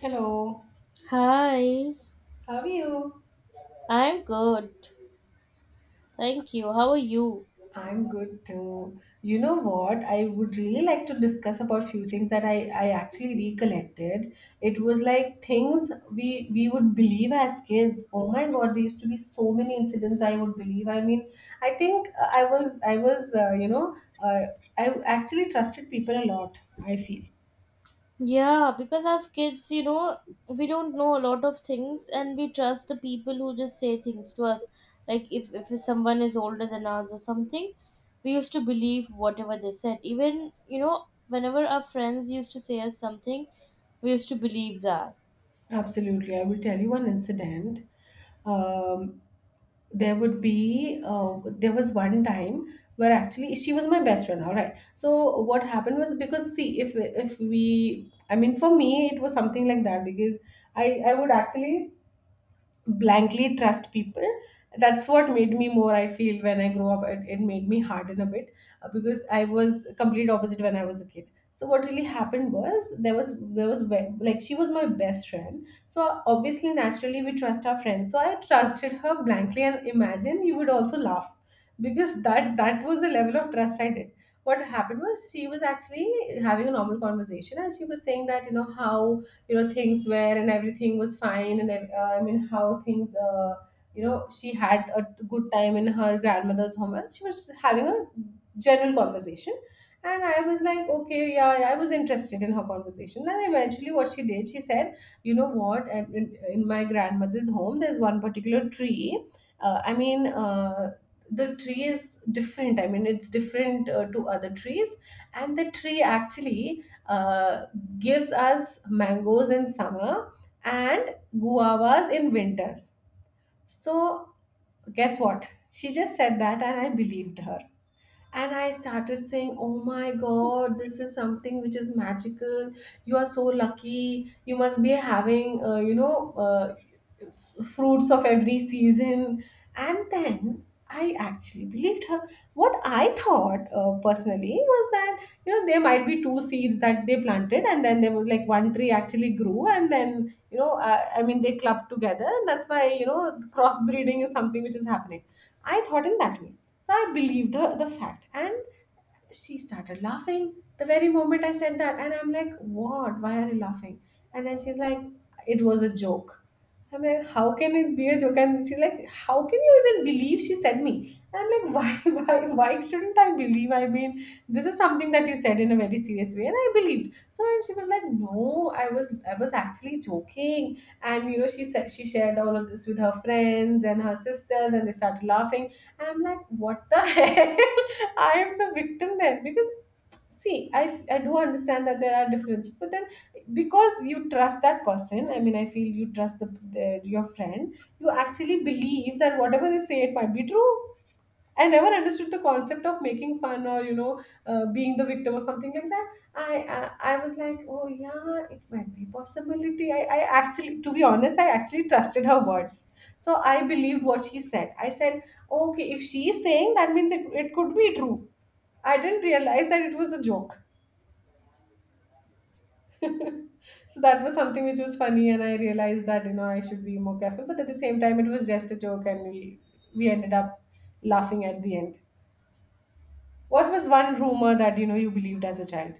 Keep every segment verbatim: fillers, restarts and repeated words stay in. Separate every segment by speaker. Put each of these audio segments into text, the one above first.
Speaker 1: Hello,
Speaker 2: Hi,
Speaker 1: how are you?
Speaker 2: I'm good. Thank you. How are you?
Speaker 1: I'm good too. You know what? I would really like to discuss about few things that I, I actually recollected. It was like things we we would believe as kids. Oh my God, there used to be so many incidents I would believe. I mean, I think uh, I was I was uh, you know uh, I actually trusted people a lot. I feel
Speaker 2: Yeah, because as kids, you know, we don't know a lot of things and we trust the people who just say things to us. Like if, if someone is older than us or something, we used to believe whatever they said. Even, you know, whenever our friends used to say us something, we used to believe that.
Speaker 1: absolutely. I will tell you one incident. Um, there would be uh, there was one time where actually she was my best friend, all right? So what happened was, because see, if if we, I mean, for me it was something like that, because i i would actually blankly trust people. That's what made me more, I feel, when I grow up it, it made me harden a bit, uh, because I was complete opposite when I was a kid. So what really happened was, there was there was ve- like she was my best friend, so obviously naturally we trust our friends, so I trusted her blankly, and imagine you would also laugh because that that was the level of trust I did. What happened was, she was actually having a normal conversation, and she was saying that, you know, how, you know, things were and everything was fine and ev- uh, I mean how things, uh, you know, she had a good time in her grandmother's home, and she was having a general conversation. And I was like, okay, yeah, yeah, I was interested in her conversation. And eventually what she did, she said, you know what, and in, in my grandmother's home there's one particular tree, uh, i mean uh, the tree is different, I mean, it's different uh, to other trees. And the tree actually, uh, gives us mangoes in summer and guavas in winters. So, guess what? She just said that and I believed her, and I started saying, oh my god, this is something which is magical. You are so lucky, you must be having uh, you know uh, s- fruits of every season. And then I actually believed her. What I thought, uh, personally, was that, you know, there might be two seeds that they planted and then there was like one tree actually grew, and then, you know uh, I mean, they clubbed together, and that's why, you know, crossbreeding is something which is happening. I thought in that way. So I believed the, the fact. And she started laughing the very moment I said that. And I'm like, what? Why are you laughing? And then she's like, it was a joke. I'm like, how can it be a joke? And she's like, how can you even believe, she said me? And I'm like, why, why, why shouldn't I believe? I mean, this is something that you said in a very serious way, and I believed. So she was like, no, I was, I was actually joking. And you know, she said she shared all of this with her friends and her sisters, and they started laughing. And I'm like, what the hell? I am the victim then, because see, I, I do understand that there are differences, but then because you trust that person, I mean, I feel you trust the, the your friend, you actually believe that whatever they say, it might be true. I never understood the concept of making fun, or, you know, uh, being the victim or something like that. I, I I was like, oh yeah, it might be possibility. I, I actually, to be honest, I actually trusted her words, so I believed what she said. I said, okay, if she's saying, that means it it could be true. I didn't realize that it was a joke. So that was something which was funny, and I realized that, you know, I should be more careful. But at the same time, it was just a joke, and we we ended up laughing at the end. What was one rumor that, you know, you believed as a child?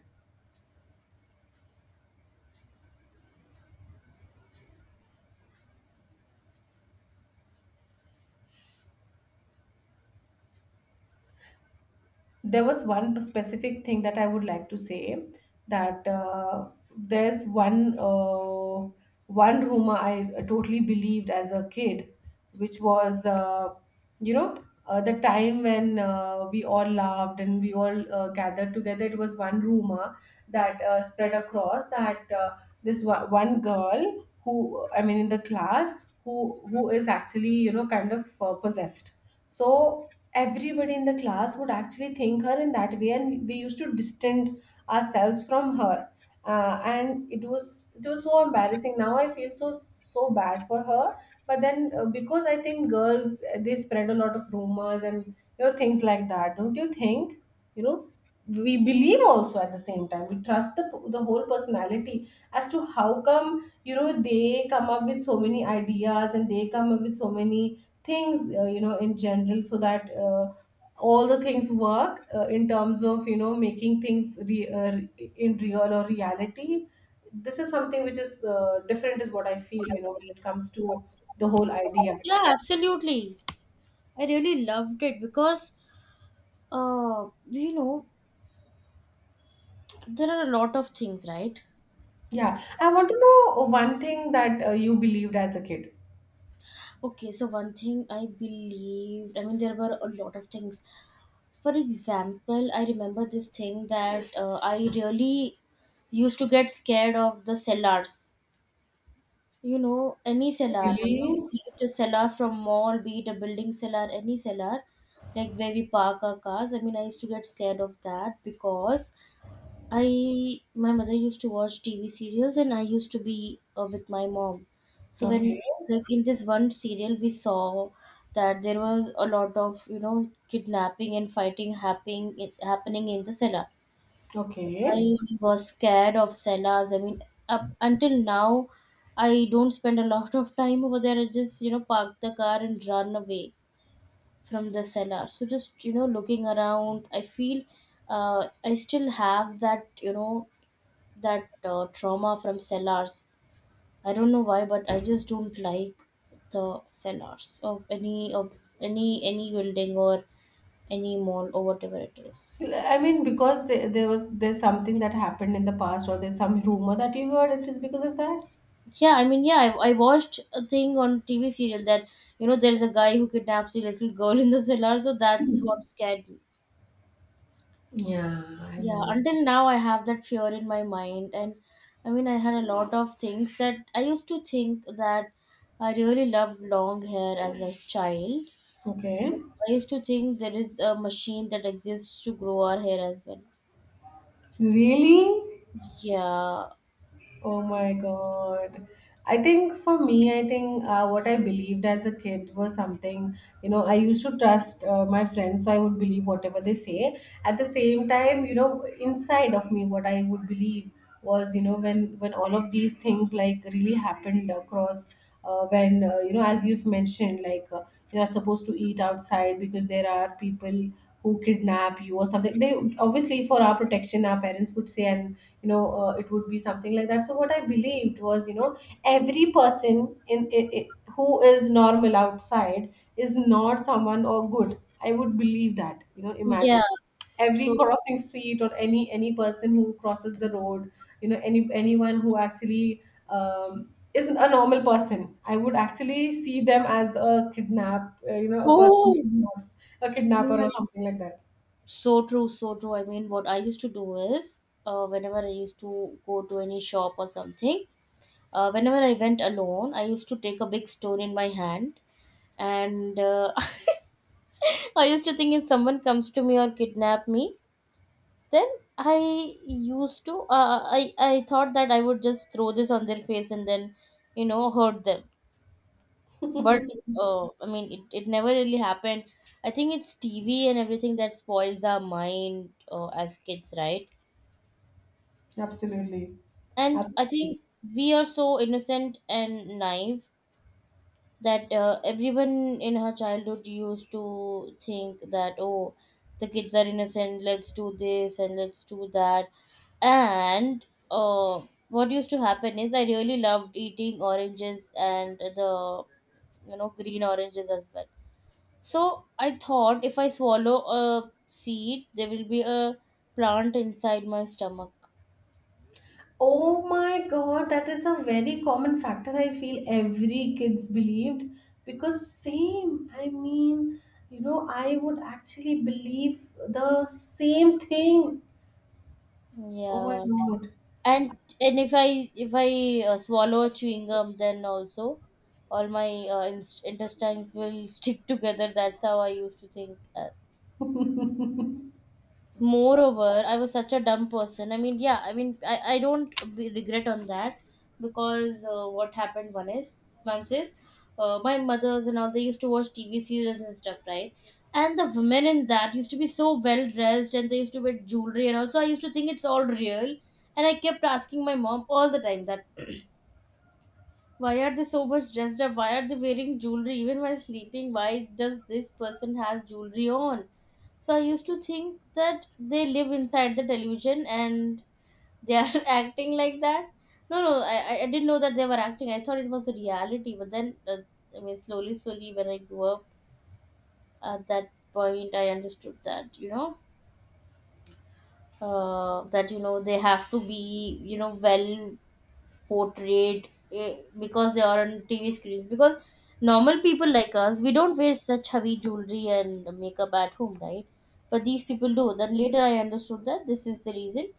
Speaker 1: There was one specific thing that I would like to say, that uh, there's one uh, one rumor I uh, totally believed as a kid, which was, uh, you know uh, the time when uh, we all laughed and we all uh, gathered together. It was one rumor that uh, spread across, that uh, this one one girl who, I mean, in the class, who who is actually, you know, kind of uh, possessed. So everybody in the class would actually think her in that way, and we used to distance ourselves from her. Uh, and it was, it was so embarrassing. Now I feel so so bad for her. But then, uh, because I think girls, uh, they spread a lot of rumors, and, you know, things like that, don't you think? You know, we believe, also at the same time we trust the the whole personality, as to how come, you know, they come up with so many ideas and they come up with so many things, uh, you know, in general, so that, uh, all the things work, uh, in terms of, you know, making things re- uh, re- in real or reality. This is something which is, uh, different, is what I feel, you know, when it comes to the whole idea.
Speaker 2: Yeah, absolutely. I really loved it because, uh, you know, there are a lot of things, right?
Speaker 1: Yeah, I want to know one thing that uh, you believed as a kid.
Speaker 2: Okay, so one thing I believed, I mean, there were a lot of things. For example, I remember this thing that uh, I really used to get scared of the cellars. You know, any cellar, you know,
Speaker 1: Really?
Speaker 2: be it a cellar from mall, be it a building cellar, any cellar, like where we park our cars. I mean, I used to get scared of that because I my mother used to watch T V serials and I used to be uh, with my mom. So when
Speaker 1: Okay.
Speaker 2: like in this one serial we saw that there was a lot of, you know, kidnapping and fighting happening happening in the cellar. So
Speaker 1: Okay.
Speaker 2: I was scared of cellars. I mean up until now I don't spend a lot of time over there. I just, you know, park the car and run away from the cellar. So just, you know, looking around I feel uh, I still have that, you know, that uh, trauma from cellars. I don't know why, but I just don't like the cellars of any of any any building or any mall or whatever it is.
Speaker 1: I mean, because there, there was, there's something that happened in the past, or there's some rumor that you heard, it is because of that.
Speaker 2: Yeah, I mean, yeah, I, I watched a thing on T V serial that you know there's a guy who kidnaps the little girl in the cellar, so that's what scared me.
Speaker 1: Yeah, I
Speaker 2: Yeah,
Speaker 1: know.
Speaker 2: until now I have that fear in my mind, and I mean, I had a lot of things that I used to think that I really loved long hair as a child. So
Speaker 1: Okay.
Speaker 2: I used to think there is a machine that exists to grow our hair as well.
Speaker 1: Really?
Speaker 2: Yeah.
Speaker 1: Oh my God. I think for me, I think uh, what I believed as a kid was something, you know, I used to trust uh, my friends, so I would believe whatever they say. At the same time, you know, inside of me, what I would believe was, you know, when, when all of these things like really happened across, uh, when, uh, you know, as you've mentioned, like, uh, you're not supposed to eat outside because there are people who kidnap you or something. They obviously, for our protection, our parents would say. And, you know uh, it would be something like that. So what I believed was, you know, every person in, in, in who is normal outside is not someone or good, I would believe that, you know, imagine
Speaker 2: Yeah.
Speaker 1: every
Speaker 2: So
Speaker 1: crossing street, or any any person who crosses the road, you know, any anyone who actually, um, isn't a normal person, I would actually see them as a kidnap, uh, you know, a person who
Speaker 2: oh,
Speaker 1: kidnaps, a kidnapper or
Speaker 2: right.
Speaker 1: something like that.
Speaker 2: So true, so true. I mean, what I used to do is, uh, whenever I used to go to any shop or something, uh, whenever I went alone, I used to take a big stone in my hand, and uh, I used to think if someone comes to me or kidnap me, then I used to uh, I I thought that I would just throw this on their face and then you know hurt them but uh, I mean, it, it never really happened. I think it's TV and everything that spoils our mind uh, as kids, right?
Speaker 1: Absolutely.
Speaker 2: And I
Speaker 1: Absolutely.
Speaker 2: think we are so innocent and naive that uh, everyone in her childhood used to think that oh the kids are innocent, let's do this and let's do that. And uh, what used to happen is I really loved eating oranges, and the, you know, green oranges as well. So I thought if I swallow a seed there will be a plant inside my stomach.
Speaker 1: Oh my god, that is a very common factor. I feel every kids believed, because same. I mean, you know, I would actually believe the same thing. Oh my
Speaker 2: Yeah. And and if i if i uh, swallow chewing gum then also all my uh, inst- intestines will stick together. That's how I used to think. Uh,
Speaker 1: god.
Speaker 2: moreover, I was such a dumb person. I mean, yeah, I mean, i, I don't be regret on that because uh, what happened one is once is uh, my mothers and all they used to watch TV series and stuff, right? And the women in that used to be so well dressed and they used to wear jewelry, and also I used to think it's all real. And I kept asking my mom all the time that why are they so much dressed up? Why are they wearing jewelry even while sleeping? Why does this person has jewelry on? So I used to think that they live inside the television and they are acting like that. No, no, I, I I didn't know that they were acting. I thought it was a reality. But then, uh, I mean, slowly, slowly, when I grew up, at that point, I understood that, you know, uh, that you know they have to be, you know, well portrayed eh, because they are on T V screens. Because normal people like us, we don't wear such heavy jewelry and makeup at home, right? But these people do. Then later I understood that this is the reason.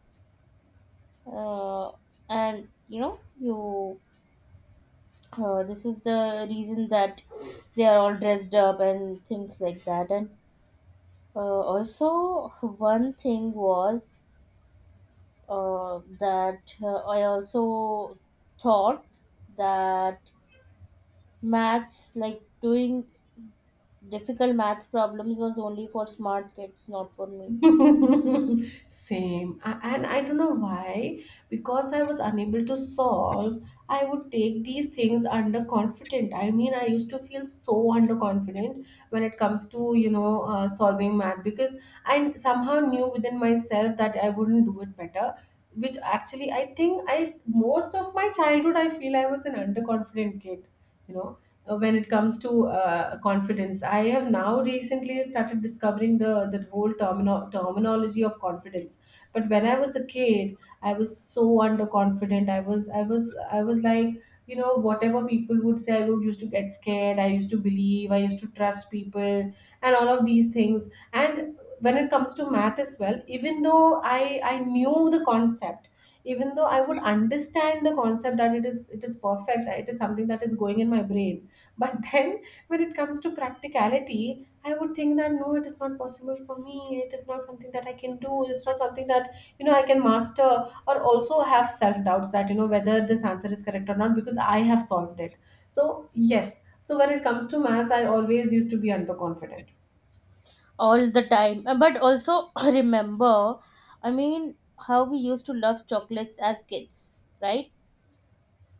Speaker 2: Uh, and you know, you uh, this is the reason that they are all dressed up and things like that. And uh, also, one thing was uh, that uh, I also thought that maths, like doing difficult maths problems, was only for smart kids, not for me.
Speaker 1: Same. I, and I don't know why, because I was unable to solve, I would take these things underconfident. I mean, I used to feel so underconfident when it comes to, you know, uh, solving math, because I somehow knew within myself that I wouldn't do it better, which actually I think I, most of my childhood, I feel I was an underconfident kid, you know, uh, when it comes to uh, confidence. I have now recently started discovering the the whole termino- terminology of confidence. But when I was a kid, I was so underconfident. I was I was I was like, you know, whatever people would say, I would used to get scared, I used to believe, I used to trust people and all of these things. And when it comes to math as well, even though i i knew the concept, even though I would understand the concept, that it is it is perfect, it is something that is going in my brain, but then when it comes to practicality, I would think that no, it is not possible for me. It is not something that I can do. It's not something that, you know, I can master, or also have self doubts that, you know, whether this answer is correct or not, because I have solved it. So, yes. So when it comes to maths, I always used to be underconfident.
Speaker 2: All the time. Uh, But also, remember, I mean, how we used to love chocolates as kids, right?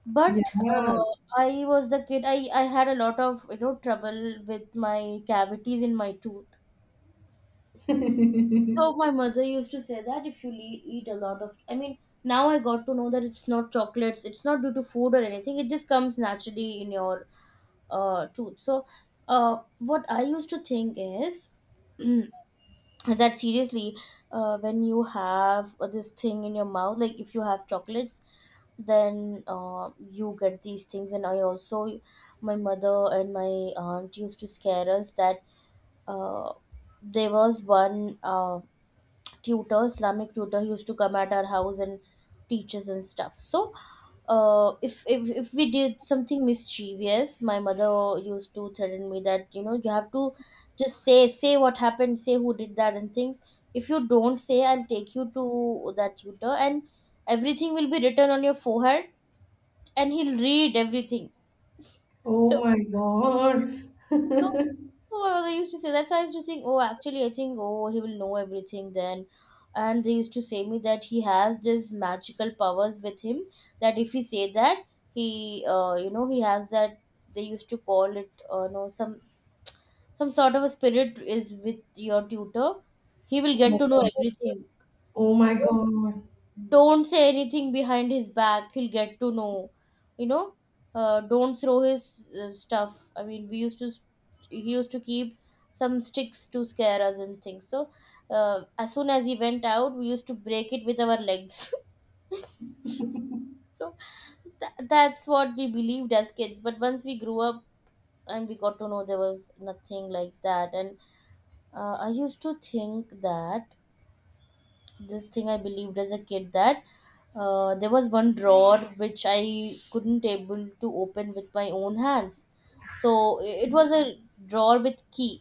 Speaker 2: But
Speaker 1: Yeah.
Speaker 2: uh, I was the kid, I, I had a lot of, you know, trouble with my cavities in my tooth. So my mother used to say that if you le- eat a lot of, I mean, now I got to know that it's not chocolates, it's not due to food or anything. It just comes naturally in your uh, tooth. So, uh, what I used to think is that seriously, uh, when you have uh, this thing in your mouth, like if you have chocolates, then uh, you get these things. And I also, my mother and my aunt used to scare us that uh, there was one. Uh, tutor, Islamic tutor. He used to come at our house and teach us and stuff. So, uh, if, if, if we did something mischievous, my mother used to threaten me that you know you have to just say say what happened, say who did that and things. If you don't say, I'll take you to that tutor, and everything will be written on your forehead, and he'll read everything.
Speaker 1: Oh
Speaker 2: So
Speaker 1: my God.
Speaker 2: so, well, they used to say, that's why I used to think, oh, actually, I think, oh, he will know everything then. And they used to say me that he has this magical powers with him that if he say that he, uh, you know, he has that. They used to call it, uh, no, some some sort of a spirit is with your tutor. He will get to know everything.
Speaker 1: Oh my
Speaker 2: Don't
Speaker 1: God.
Speaker 2: don't say anything behind his back, he'll get to know, you know. Uh, don't throw his uh, stuff. I mean, we used to, he used to keep some sticks to scare us and things. So uh, as soon as he went out we used to break it with our legs so tha- that's what we believed as kids, but once we grew up and we got to know there was nothing like that. And uh, I used to think that this thing I believed as a kid, that uh, there was one drawer which I couldn't able to open with my own hands. So i- it was a drawer with key.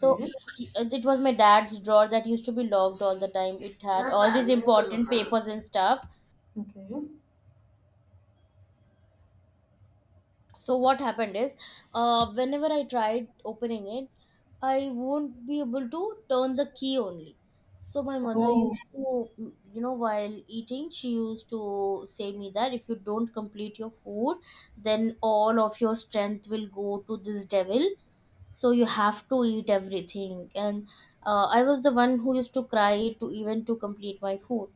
Speaker 2: So i- it was my dad's drawer that used to be locked all the time. It had all these important papers and stuff.
Speaker 1: Okay.
Speaker 2: So what happened is uh, whenever I tried opening it I won't be able to turn the key only. So my mother used
Speaker 1: Oh.
Speaker 2: to, you know, while eating she used to say me that if you don't complete your food then all of your strength will go to this devil, so you have to eat everything. And uh, I was the one who used to cry to even to complete my food.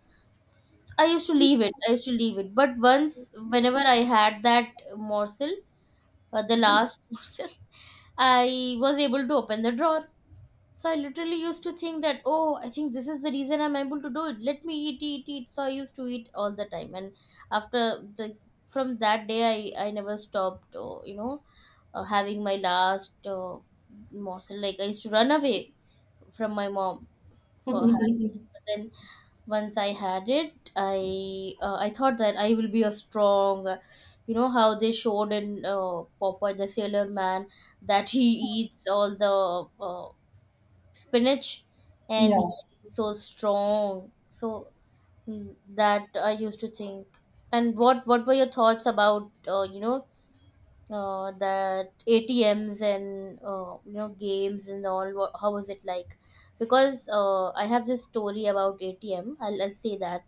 Speaker 2: I used to leave it I used to leave it but once, whenever I had that morsel, uh, the last portion, I was able to open the drawer. So I literally used to think that, oh, I think this is the reason I'm able to do it. Let me eat, eat, eat. So I used to eat all the time. And after the, from that day, I, I never stopped, uh, you know, uh, having my last uh, morsel. Like I used to run away from my mom for her. But then once I had it, I uh, I thought that I will be a strong, uh, you know, how they showed in uh, Popeye the Sailor Man, that he eats all the uh, spinach and
Speaker 1: Yeah.
Speaker 2: he is so strong. So mm, that I used to think. And what what were your thoughts about uh, you know uh, that A T Ms and uh, you know games and all? wha- How was it like? Because uh, I have this story about A T M. I'll, I'll say that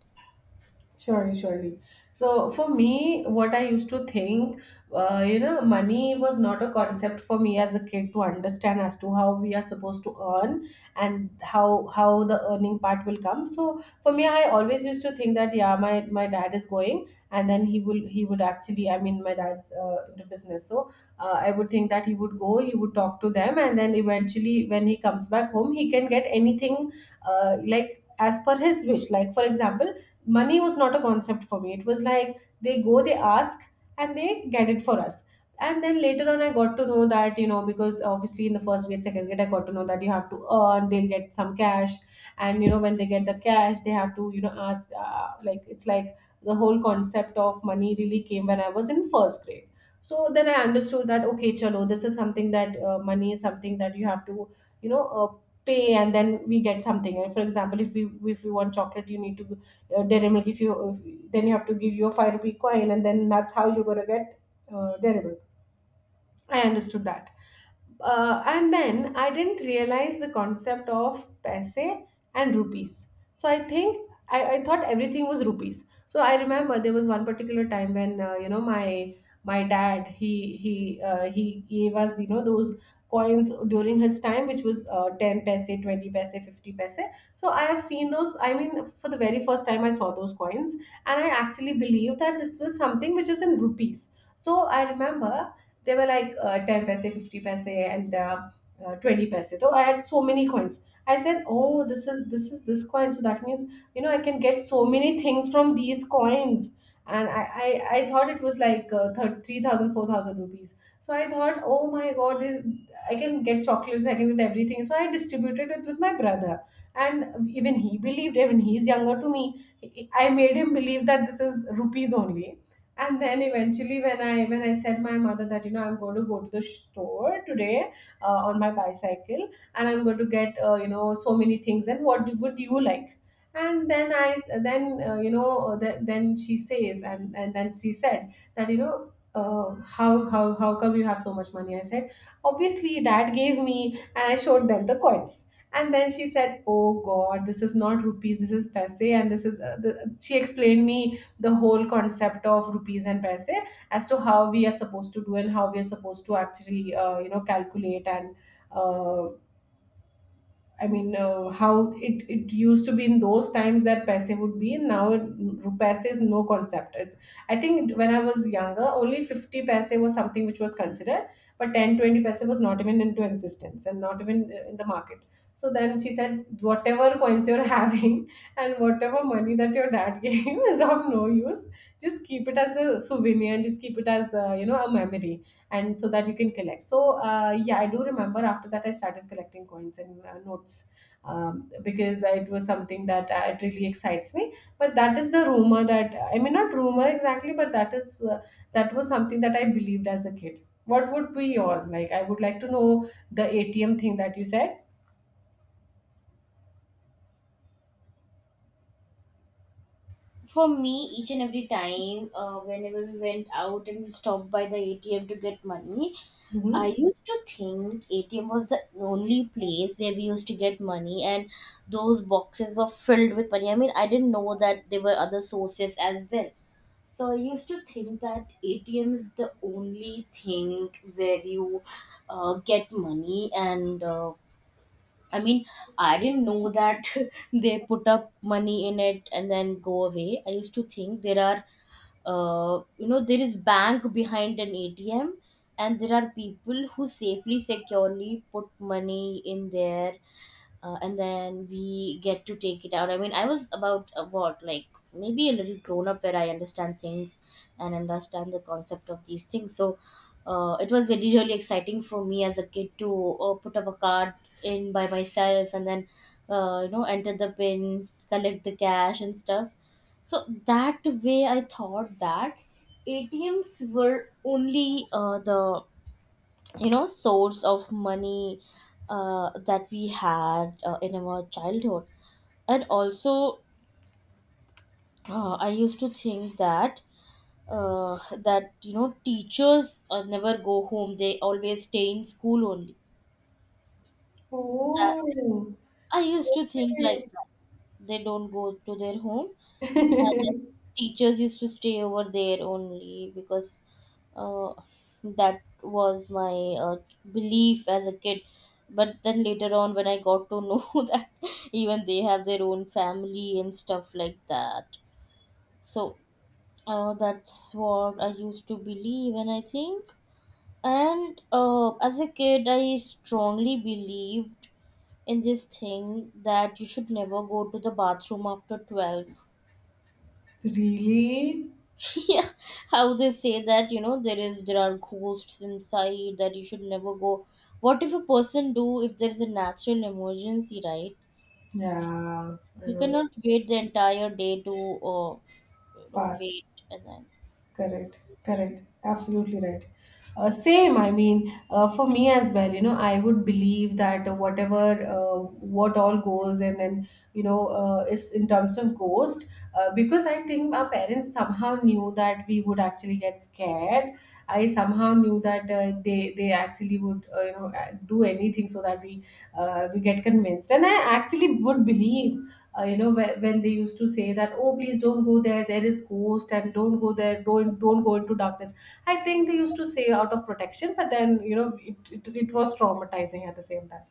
Speaker 1: Surely, surely. So for me, what I used to think, uh, you know, money was not a concept for me as a kid to understand, as to how we are supposed to earn, and how how the earning part will come. So for me, I always used to think that yeah, my my dad is going, and then he will he would actually, I mean, my dad's uh, into business, so uh, I would think that he would go, he would talk to them, and then eventually when he comes back home, he can get anything uh, like as per his wish. Like, for example, money was not a concept for me. It was like they go, they ask, and they get it for us. And then later on, I got to know that, you know, because obviously in the first grade, second grade, I got to know that you have to earn, they'll get some cash. And, you know, when they get the cash, they have to, you know, ask, uh, like, it's like the whole concept of money really came when I was in first grade. So then I understood that, okay, chalo, this is something that uh, money is something that you have to, you know, uh, pay, and then we get something. And for example, if we if we want chocolate, you need to uh, dairy milk, if you if, then you have to give your 5 rupee coin, and then that's how you're going to get uh, dairy milk. I understood that. Uh, and then I didn't realize the concept of paise and rupees. So I think I, I thought everything was rupees. So I remember there was one particular time when uh, you know, my my dad, he he uh, he gave us, you know, those coins during his time, which was uh, 10 paise, 20 paise, 50 paise. So I have seen those, I mean, for the very first time I saw those coins, and I actually believe that this was something which is in rupees. So I remember they were like uh, 10 paise, 50 paise, and uh, uh, 20 paise. So I had so many coins. I said, oh, this is this is this coin, so that means, you know, I can get so many things from these coins. And i i, I thought it was like uh, thir- 3000 rupees. So I thought, oh my god, this, I can get chocolates, I can get everything. So I distributed it with my brother, and even he believed. Even he's younger to me, I made him believe that this is rupees only. And then eventually when i when i said my mother that, you know, I'm going to go to the store today uh, on my bicycle, and I'm going to get, uh, you know, so many things. And what would you like? And then I, then, uh, you know, uh, th- then she says, and and then she said that, you know, uh, how how how come you have so much money? I said, obviously dad gave me. And I showed them the coins. And then she said, oh god, this is not rupees, this is paise. And this is uh, the, She explained me the whole concept of rupees and paise, as to how we are supposed to do, and how we are supposed to actually, uh, you know, calculate. And uh, I mean, uh, how it, it used to be in those times that paise would be, and now it, paise is no concept. It's I think when I was younger, only 50 paise was something which was considered, but ten, twenty paise was not even into existence, and not even uh, in the market. So then she said, whatever coins you're having, and whatever money that your dad gave you is of no use. Just keep it as a souvenir, and just keep it as, uh, you know, a memory, and so that you can collect. So, uh, yeah, I do remember after that I started collecting coins and uh, notes, um, because it was something that uh, it really excites me. But that is the rumor that, uh, I mean, not rumor exactly, but that is uh, that was something that I believed as a kid. What would be yours? Like, I would like to know the A T M thing that you said.
Speaker 2: for me, each and every time, uh, whenever we went out and we stopped by the A T M to get money,
Speaker 1: Hmm.
Speaker 2: I used to think A T M was the only place where we used to get money, and those boxes were filled with money. I mean, I didn't know that there were other sources as well. So I used to think that A T M is the only thing where you uh, get money, and uh, I mean, I didn't know that they put up money in it and then go away. I used to think there are, uh, you know, there is bank behind an A T M, and there are people who safely, securely put money in there uh, and then we get to take it out. I mean, I was about uh, what, like maybe a little grown up where I understand things and understand the concept of these things. So uh, it was really, really exciting for me as a kid to uh, put up a card in by myself and then, uh, you know, enter the pin, collect the cash and stuff. So that way I thought that A T Ms were only uh, the you know source of money uh, that we had uh, in our childhood, and also uh, i used to think that uh, that you know teachers uh, never go home, they always stay in school only. That
Speaker 1: Oh,
Speaker 2: I used to think, like
Speaker 1: okay.
Speaker 2: that they don't go to their home. Uh, Teachers used to stay over there only because uh, that was my uh, belief as a kid. But then later on, when I got to know that even they have their own family and stuff like that. So uh, that's what I used to believe, and I think. And uh, as a kid, I strongly believed in this thing that you should never go to the bathroom after twelve.
Speaker 1: Really?
Speaker 2: Yeah, how they say that you know there is, there are ghosts inside, that you should never go. What if a person do if there's a natural emergency, right?
Speaker 1: Yeah, I
Speaker 2: You
Speaker 1: know.
Speaker 2: cannot wait the entire day to uh, you know
Speaker 1: Pass.
Speaker 2: wait and then.
Speaker 1: Correct, correct, absolutely right. Uh, same, I mean, uh, for me as well, you know, I would believe that whatever, uh, what all goes, and then, you know, uh, is in terms of ghost, uh, because I think our parents somehow knew that we would actually get scared. I somehow knew that uh, they they actually would, uh, you know, uh, do anything so that we uh, we get convinced, and I actually would believe, uh, you know, whe- when they used to say that, oh, please don't go there, there is ghost, and don't go there, don't don't go into darkness. I think they used to say out of protection, but then, you know, it, it, it was traumatizing at the same time.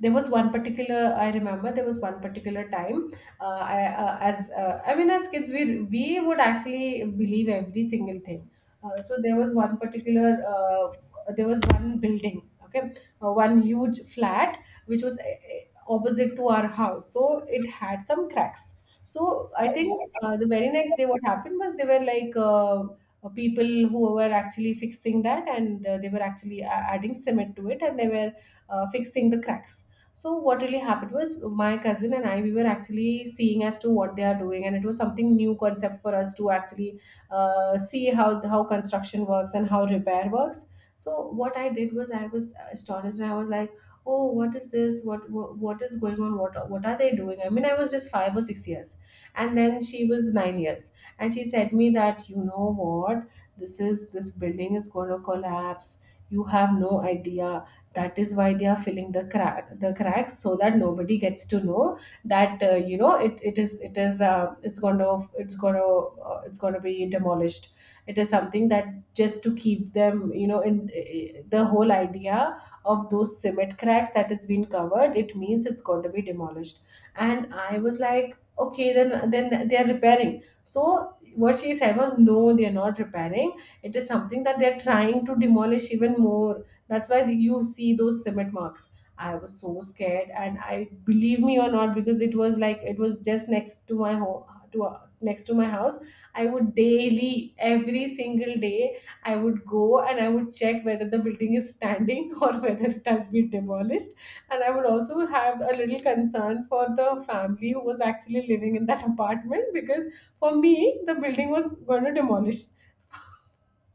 Speaker 1: There was one particular I remember there was one particular time. uh, I, uh, as uh, I mean, as kids, we we would actually believe every single thing. Uh, so there was one particular uh, there was one building, okay, uh, one huge flat, which was, uh, opposite to our house, so it had some cracks. So I think, uh, the very next day what happened was, they were like, uh, uh, people who were actually fixing that, and uh, they were actually a- adding cement to it, and they were, uh, fixing the cracks. So what really happened was, my cousin and I, we were actually seeing as to what they are doing, and it was something new concept for us to actually, uh, see how how construction works and how repair works. So what I did was, I was astonished, and I was like, oh, what is this? What what, what is going on? What what are they doing? I mean, I was just five or six years, and then she was nine years, and she said me that, you know what, this is this building is going to collapse. You have no idea. That is why they are filling the crack the cracks, so that nobody gets to know that, uh, you know, it, it is it is, uh, it's going to it's going to uh, it's going to be demolished. It is something that, just to keep them, you know, in eh, eh, the whole idea of those cement cracks that has been covered, it means it's going to be demolished. And I was like, okay, then then they are repairing. So, what she said was, no, they are not repairing. It is something that they're trying to demolish even more. That's why you see those cement marks. I was so scared, and I believe me or not, because it was like it was just next to my home, to, uh, next to my house. I would daily, every single day, I would go and I would check whether the building is standing or whether it has been demolished. And I would also have a little concern for the family who was actually living in that apartment, because for me, the building was going to demolish,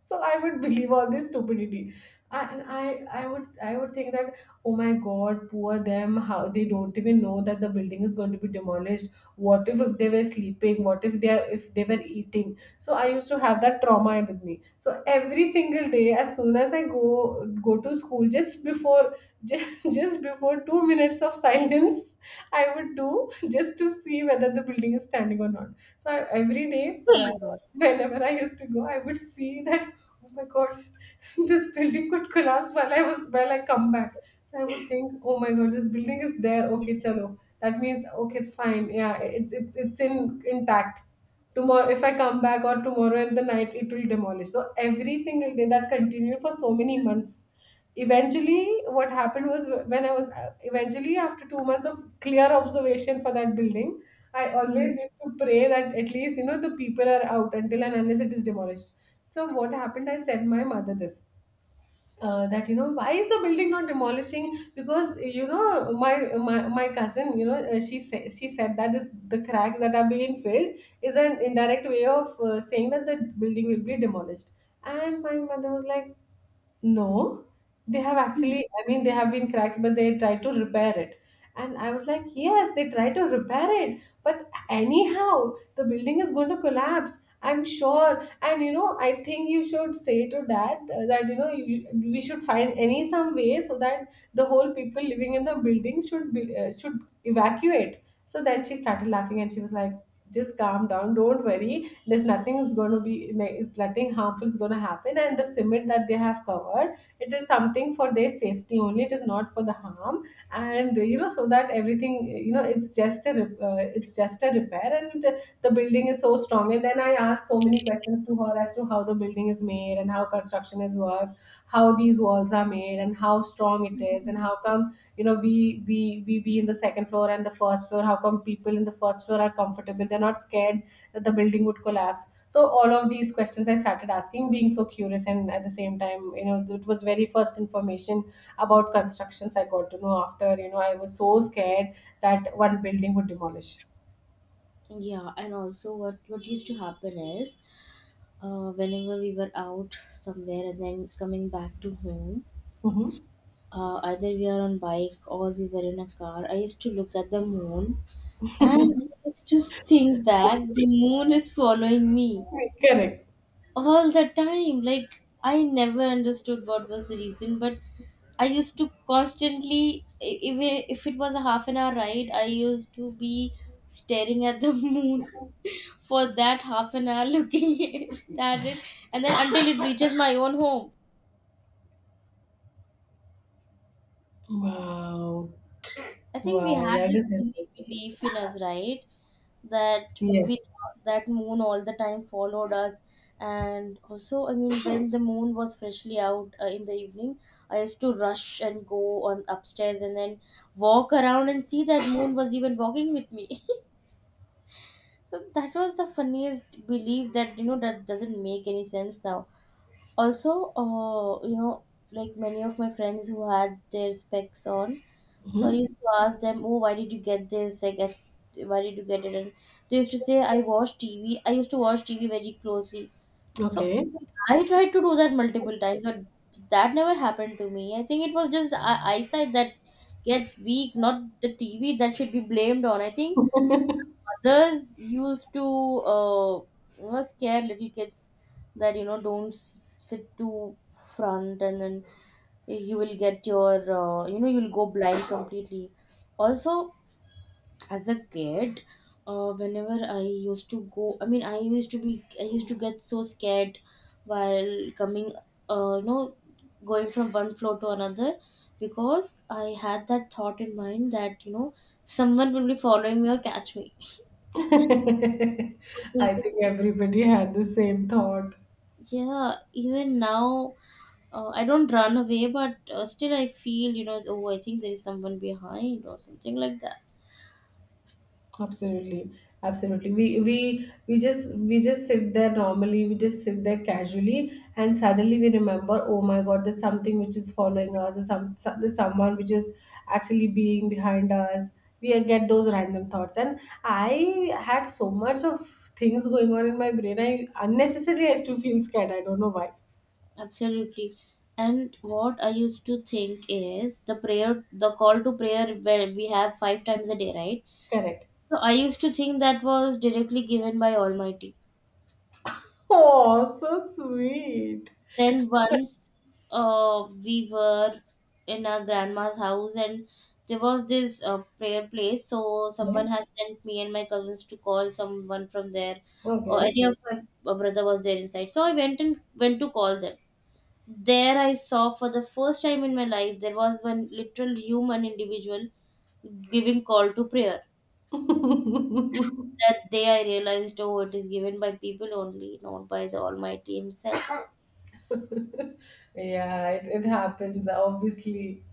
Speaker 1: so I would believe all this stupidity. I, and I, I would I would think that, oh my god, poor them, how they don't even know that the building is going to be demolished. What if if they were sleeping? What if they are, if they were eating? So I used to have that trauma with me. So every single day, as soon as I go go to school, just before just, just before two minutes of silence, I would do just to see whether the building is standing or not. So I- every day,
Speaker 2: Oh my
Speaker 1: wh-
Speaker 2: god.
Speaker 1: whenever I used to go, I would see that, oh my god, this building could collapse while I was while I come back. So I would think, oh my god, this building is there. Okay, chalo. That means okay, it's fine. Yeah, it's it's it's in intact. Tomorrow, if I come back, or tomorrow in the night, it will demolish. So every single day that continued for so many months. Eventually what happened was when I was Eventually, after two months of clear observation for that building, I
Speaker 2: Mm.
Speaker 1: always used to pray that, at least, you know, the people are out until and unless it is demolished. So what happened, I said my mother this, uh, that, you know, why is the building not demolishing? Because, you know, my my, my cousin, you know, uh, she said she said, that is the cracks that are being filled, is an indirect way of, uh, saying that the building will be demolished. And my mother was like, no, they have actually, I mean, they have been cracks, but they tried to repair it. And I was like, yes, they tried to repair it. But anyhow, the building is going to collapse. I'm sure. And, you know, I think you should say to dad, uh, that, you know, you, we should find any some way so that the whole people living in the building should be, uh, should evacuate. So then she started laughing, and she was like, just calm down, don't worry, there's nothing is going to be like, it's nothing harmful is going to happen, and the cement that they have covered, it is something for their safety only, it is not for the harm. And you know, so that everything, you know, it's just a rep- uh, it's just a repair. And the building is so strong. And then I asked so many questions to her, as to how the building is made and how construction is worked, how these walls are made and how strong it is, and how come, you know, we we we be in the second floor and the first floor, how come people in the first floor are comfortable, they're not scared that the building would collapse. So all of these questions I started asking, being so curious, and at the same time, you know, it was very first information about constructions I got to know, after, you know, I was so scared that one building would demolish.
Speaker 2: Yeah, and also what what used to happen is, uh, whenever we were out somewhere and then coming back to home,
Speaker 1: Hmm.
Speaker 2: uh, either we are on bike or we were in a car. I used to look at the moon, and I just think that the moon is following me
Speaker 1: Correct.
Speaker 2: all the time. Like, I never understood what was the reason, but I used to constantly, e- even if it was a half an hour ride, I used to be staring at the moon for that half an hour, looking at it, and then until it reaches my own home.
Speaker 1: Wow,
Speaker 2: I think we
Speaker 1: wow,
Speaker 2: had
Speaker 1: that
Speaker 2: this
Speaker 1: is
Speaker 2: silly
Speaker 1: interesting.
Speaker 2: belief in us, right? That
Speaker 1: Yes.
Speaker 2: we thought that moon all the time followed us, and also, I mean, when the moon was freshly out uh, in the evening, I used to rush and go on upstairs and then walk around and see that moon was even walking with me. So that was the funniest belief that you know that doesn't make any sense now. Also, uh, you know like many of my friends who had their specs on, so I used
Speaker 1: Hmm.
Speaker 2: to ask them, oh, why did you get this, like it's, why did you get it? And they used to say, I watch TV, I used to watch TV very closely. So
Speaker 1: Okay.
Speaker 2: I tried to do that multiple times, but that never happened to me. I think it was just eye- eyesight that gets weak, not the TV that should be blamed on. I think mothers used to uh, you know scare little kids that you know don't s- sit too front, and then you will get your uh, you know you'll go blind completely. Also, as a kid, uh, whenever I used to go I mean I used to be I used to get so scared while coming, uh, you know going from one floor to another, because I had that thought in mind that you know someone will be following me or catch me.
Speaker 1: I think everybody had the same thought.
Speaker 2: Yeah, even now, uh, I don't run away, but uh, still I feel, you know, oh, I think there is someone behind or something like that.
Speaker 1: Absolutely, absolutely. We we we just we just sit there normally. We just sit there casually, and suddenly we remember, oh my God, there's something which is following us. There's some so- there's someone which is actually being behind us. We get those random thoughts, and I had so much of things going on in my brain. I unnecessarily has to feel scared. I don't know why.
Speaker 2: Absolutely. And what I used to think is the prayer, the call to prayer where we have five times a day, right?
Speaker 1: Correct.
Speaker 2: So I used to think that was directly given by Almighty.
Speaker 1: Oh, so sweet.
Speaker 2: Then once uh, we were in our grandma's house and there was this uh, prayer place. So someone has sent me and my cousins to call someone from there, or
Speaker 1: Okay.
Speaker 2: any of my uh, brother was there inside. So I went and went to call them. There I saw for the first time in my life there was one literal human individual giving call to prayer.
Speaker 1: Okay.
Speaker 2: That day I realized, oh, it is given by people only, not by the Almighty Himself.
Speaker 1: Yeah, it, it happens, obviously.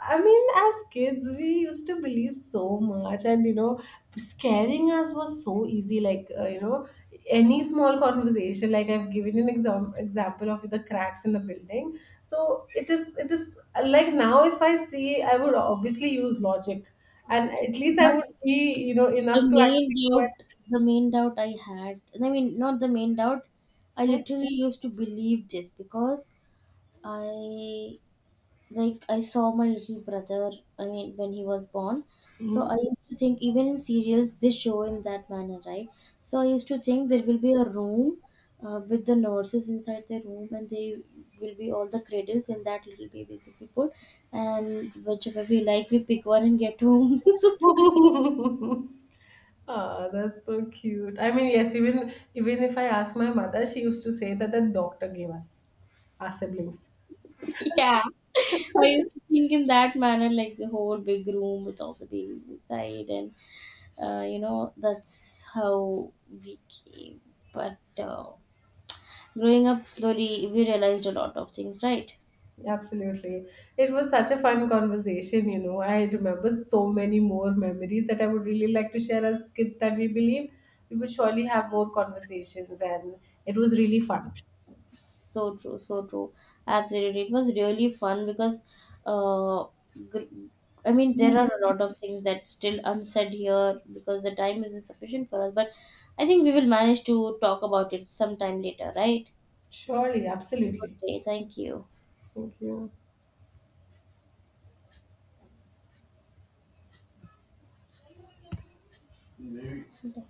Speaker 1: I mean, as kids, we used to believe so much, and you know, scaring us was so easy. Like, uh, you know, any small conversation, like I've given an exam- example of the cracks in the building. So it is, it is like, now if I see, I would obviously use logic, and at least I
Speaker 2: But
Speaker 1: would be, you know,
Speaker 2: the
Speaker 1: enough to
Speaker 2: main
Speaker 1: actually go
Speaker 2: doubt the main doubt I had, I mean, not the main doubt, I
Speaker 1: and.
Speaker 2: literally used to believe this because i like i saw my little brother, I mean when he was born. So I
Speaker 1: Mhm.
Speaker 2: used to think, even in serials they show in that manner, right? So I used to think there will be a room uh, with the nurses inside the room, and they will be all the cradles and that little baby will be put, and whichever we like we pick one and get home.
Speaker 1: Mhm. Ah, that's so cute. I mean, yes, even even if I ask my mother, she used to say that the doctor gave us our siblings.
Speaker 2: Yeah. I used to think in that manner, like the whole big room with all the babies inside, and uh, you know, that's how we came. But uh, growing up slowly, we realized a lot of things, right?
Speaker 1: Absolutely. It was such a fun conversation, you know. I remember so many more memories that I would really like to share as kids that we believe. We would surely have more conversations, and it was really fun.
Speaker 2: So true, so true. Absolutely. It was really fun because, uh, gr- I mean, there are a lot of things that still unsaid here because the time isn't sufficient for us, but I think we will manage to talk about it sometime later, right?
Speaker 1: Surely, absolutely.
Speaker 2: Okay, thank you.
Speaker 1: Thank you.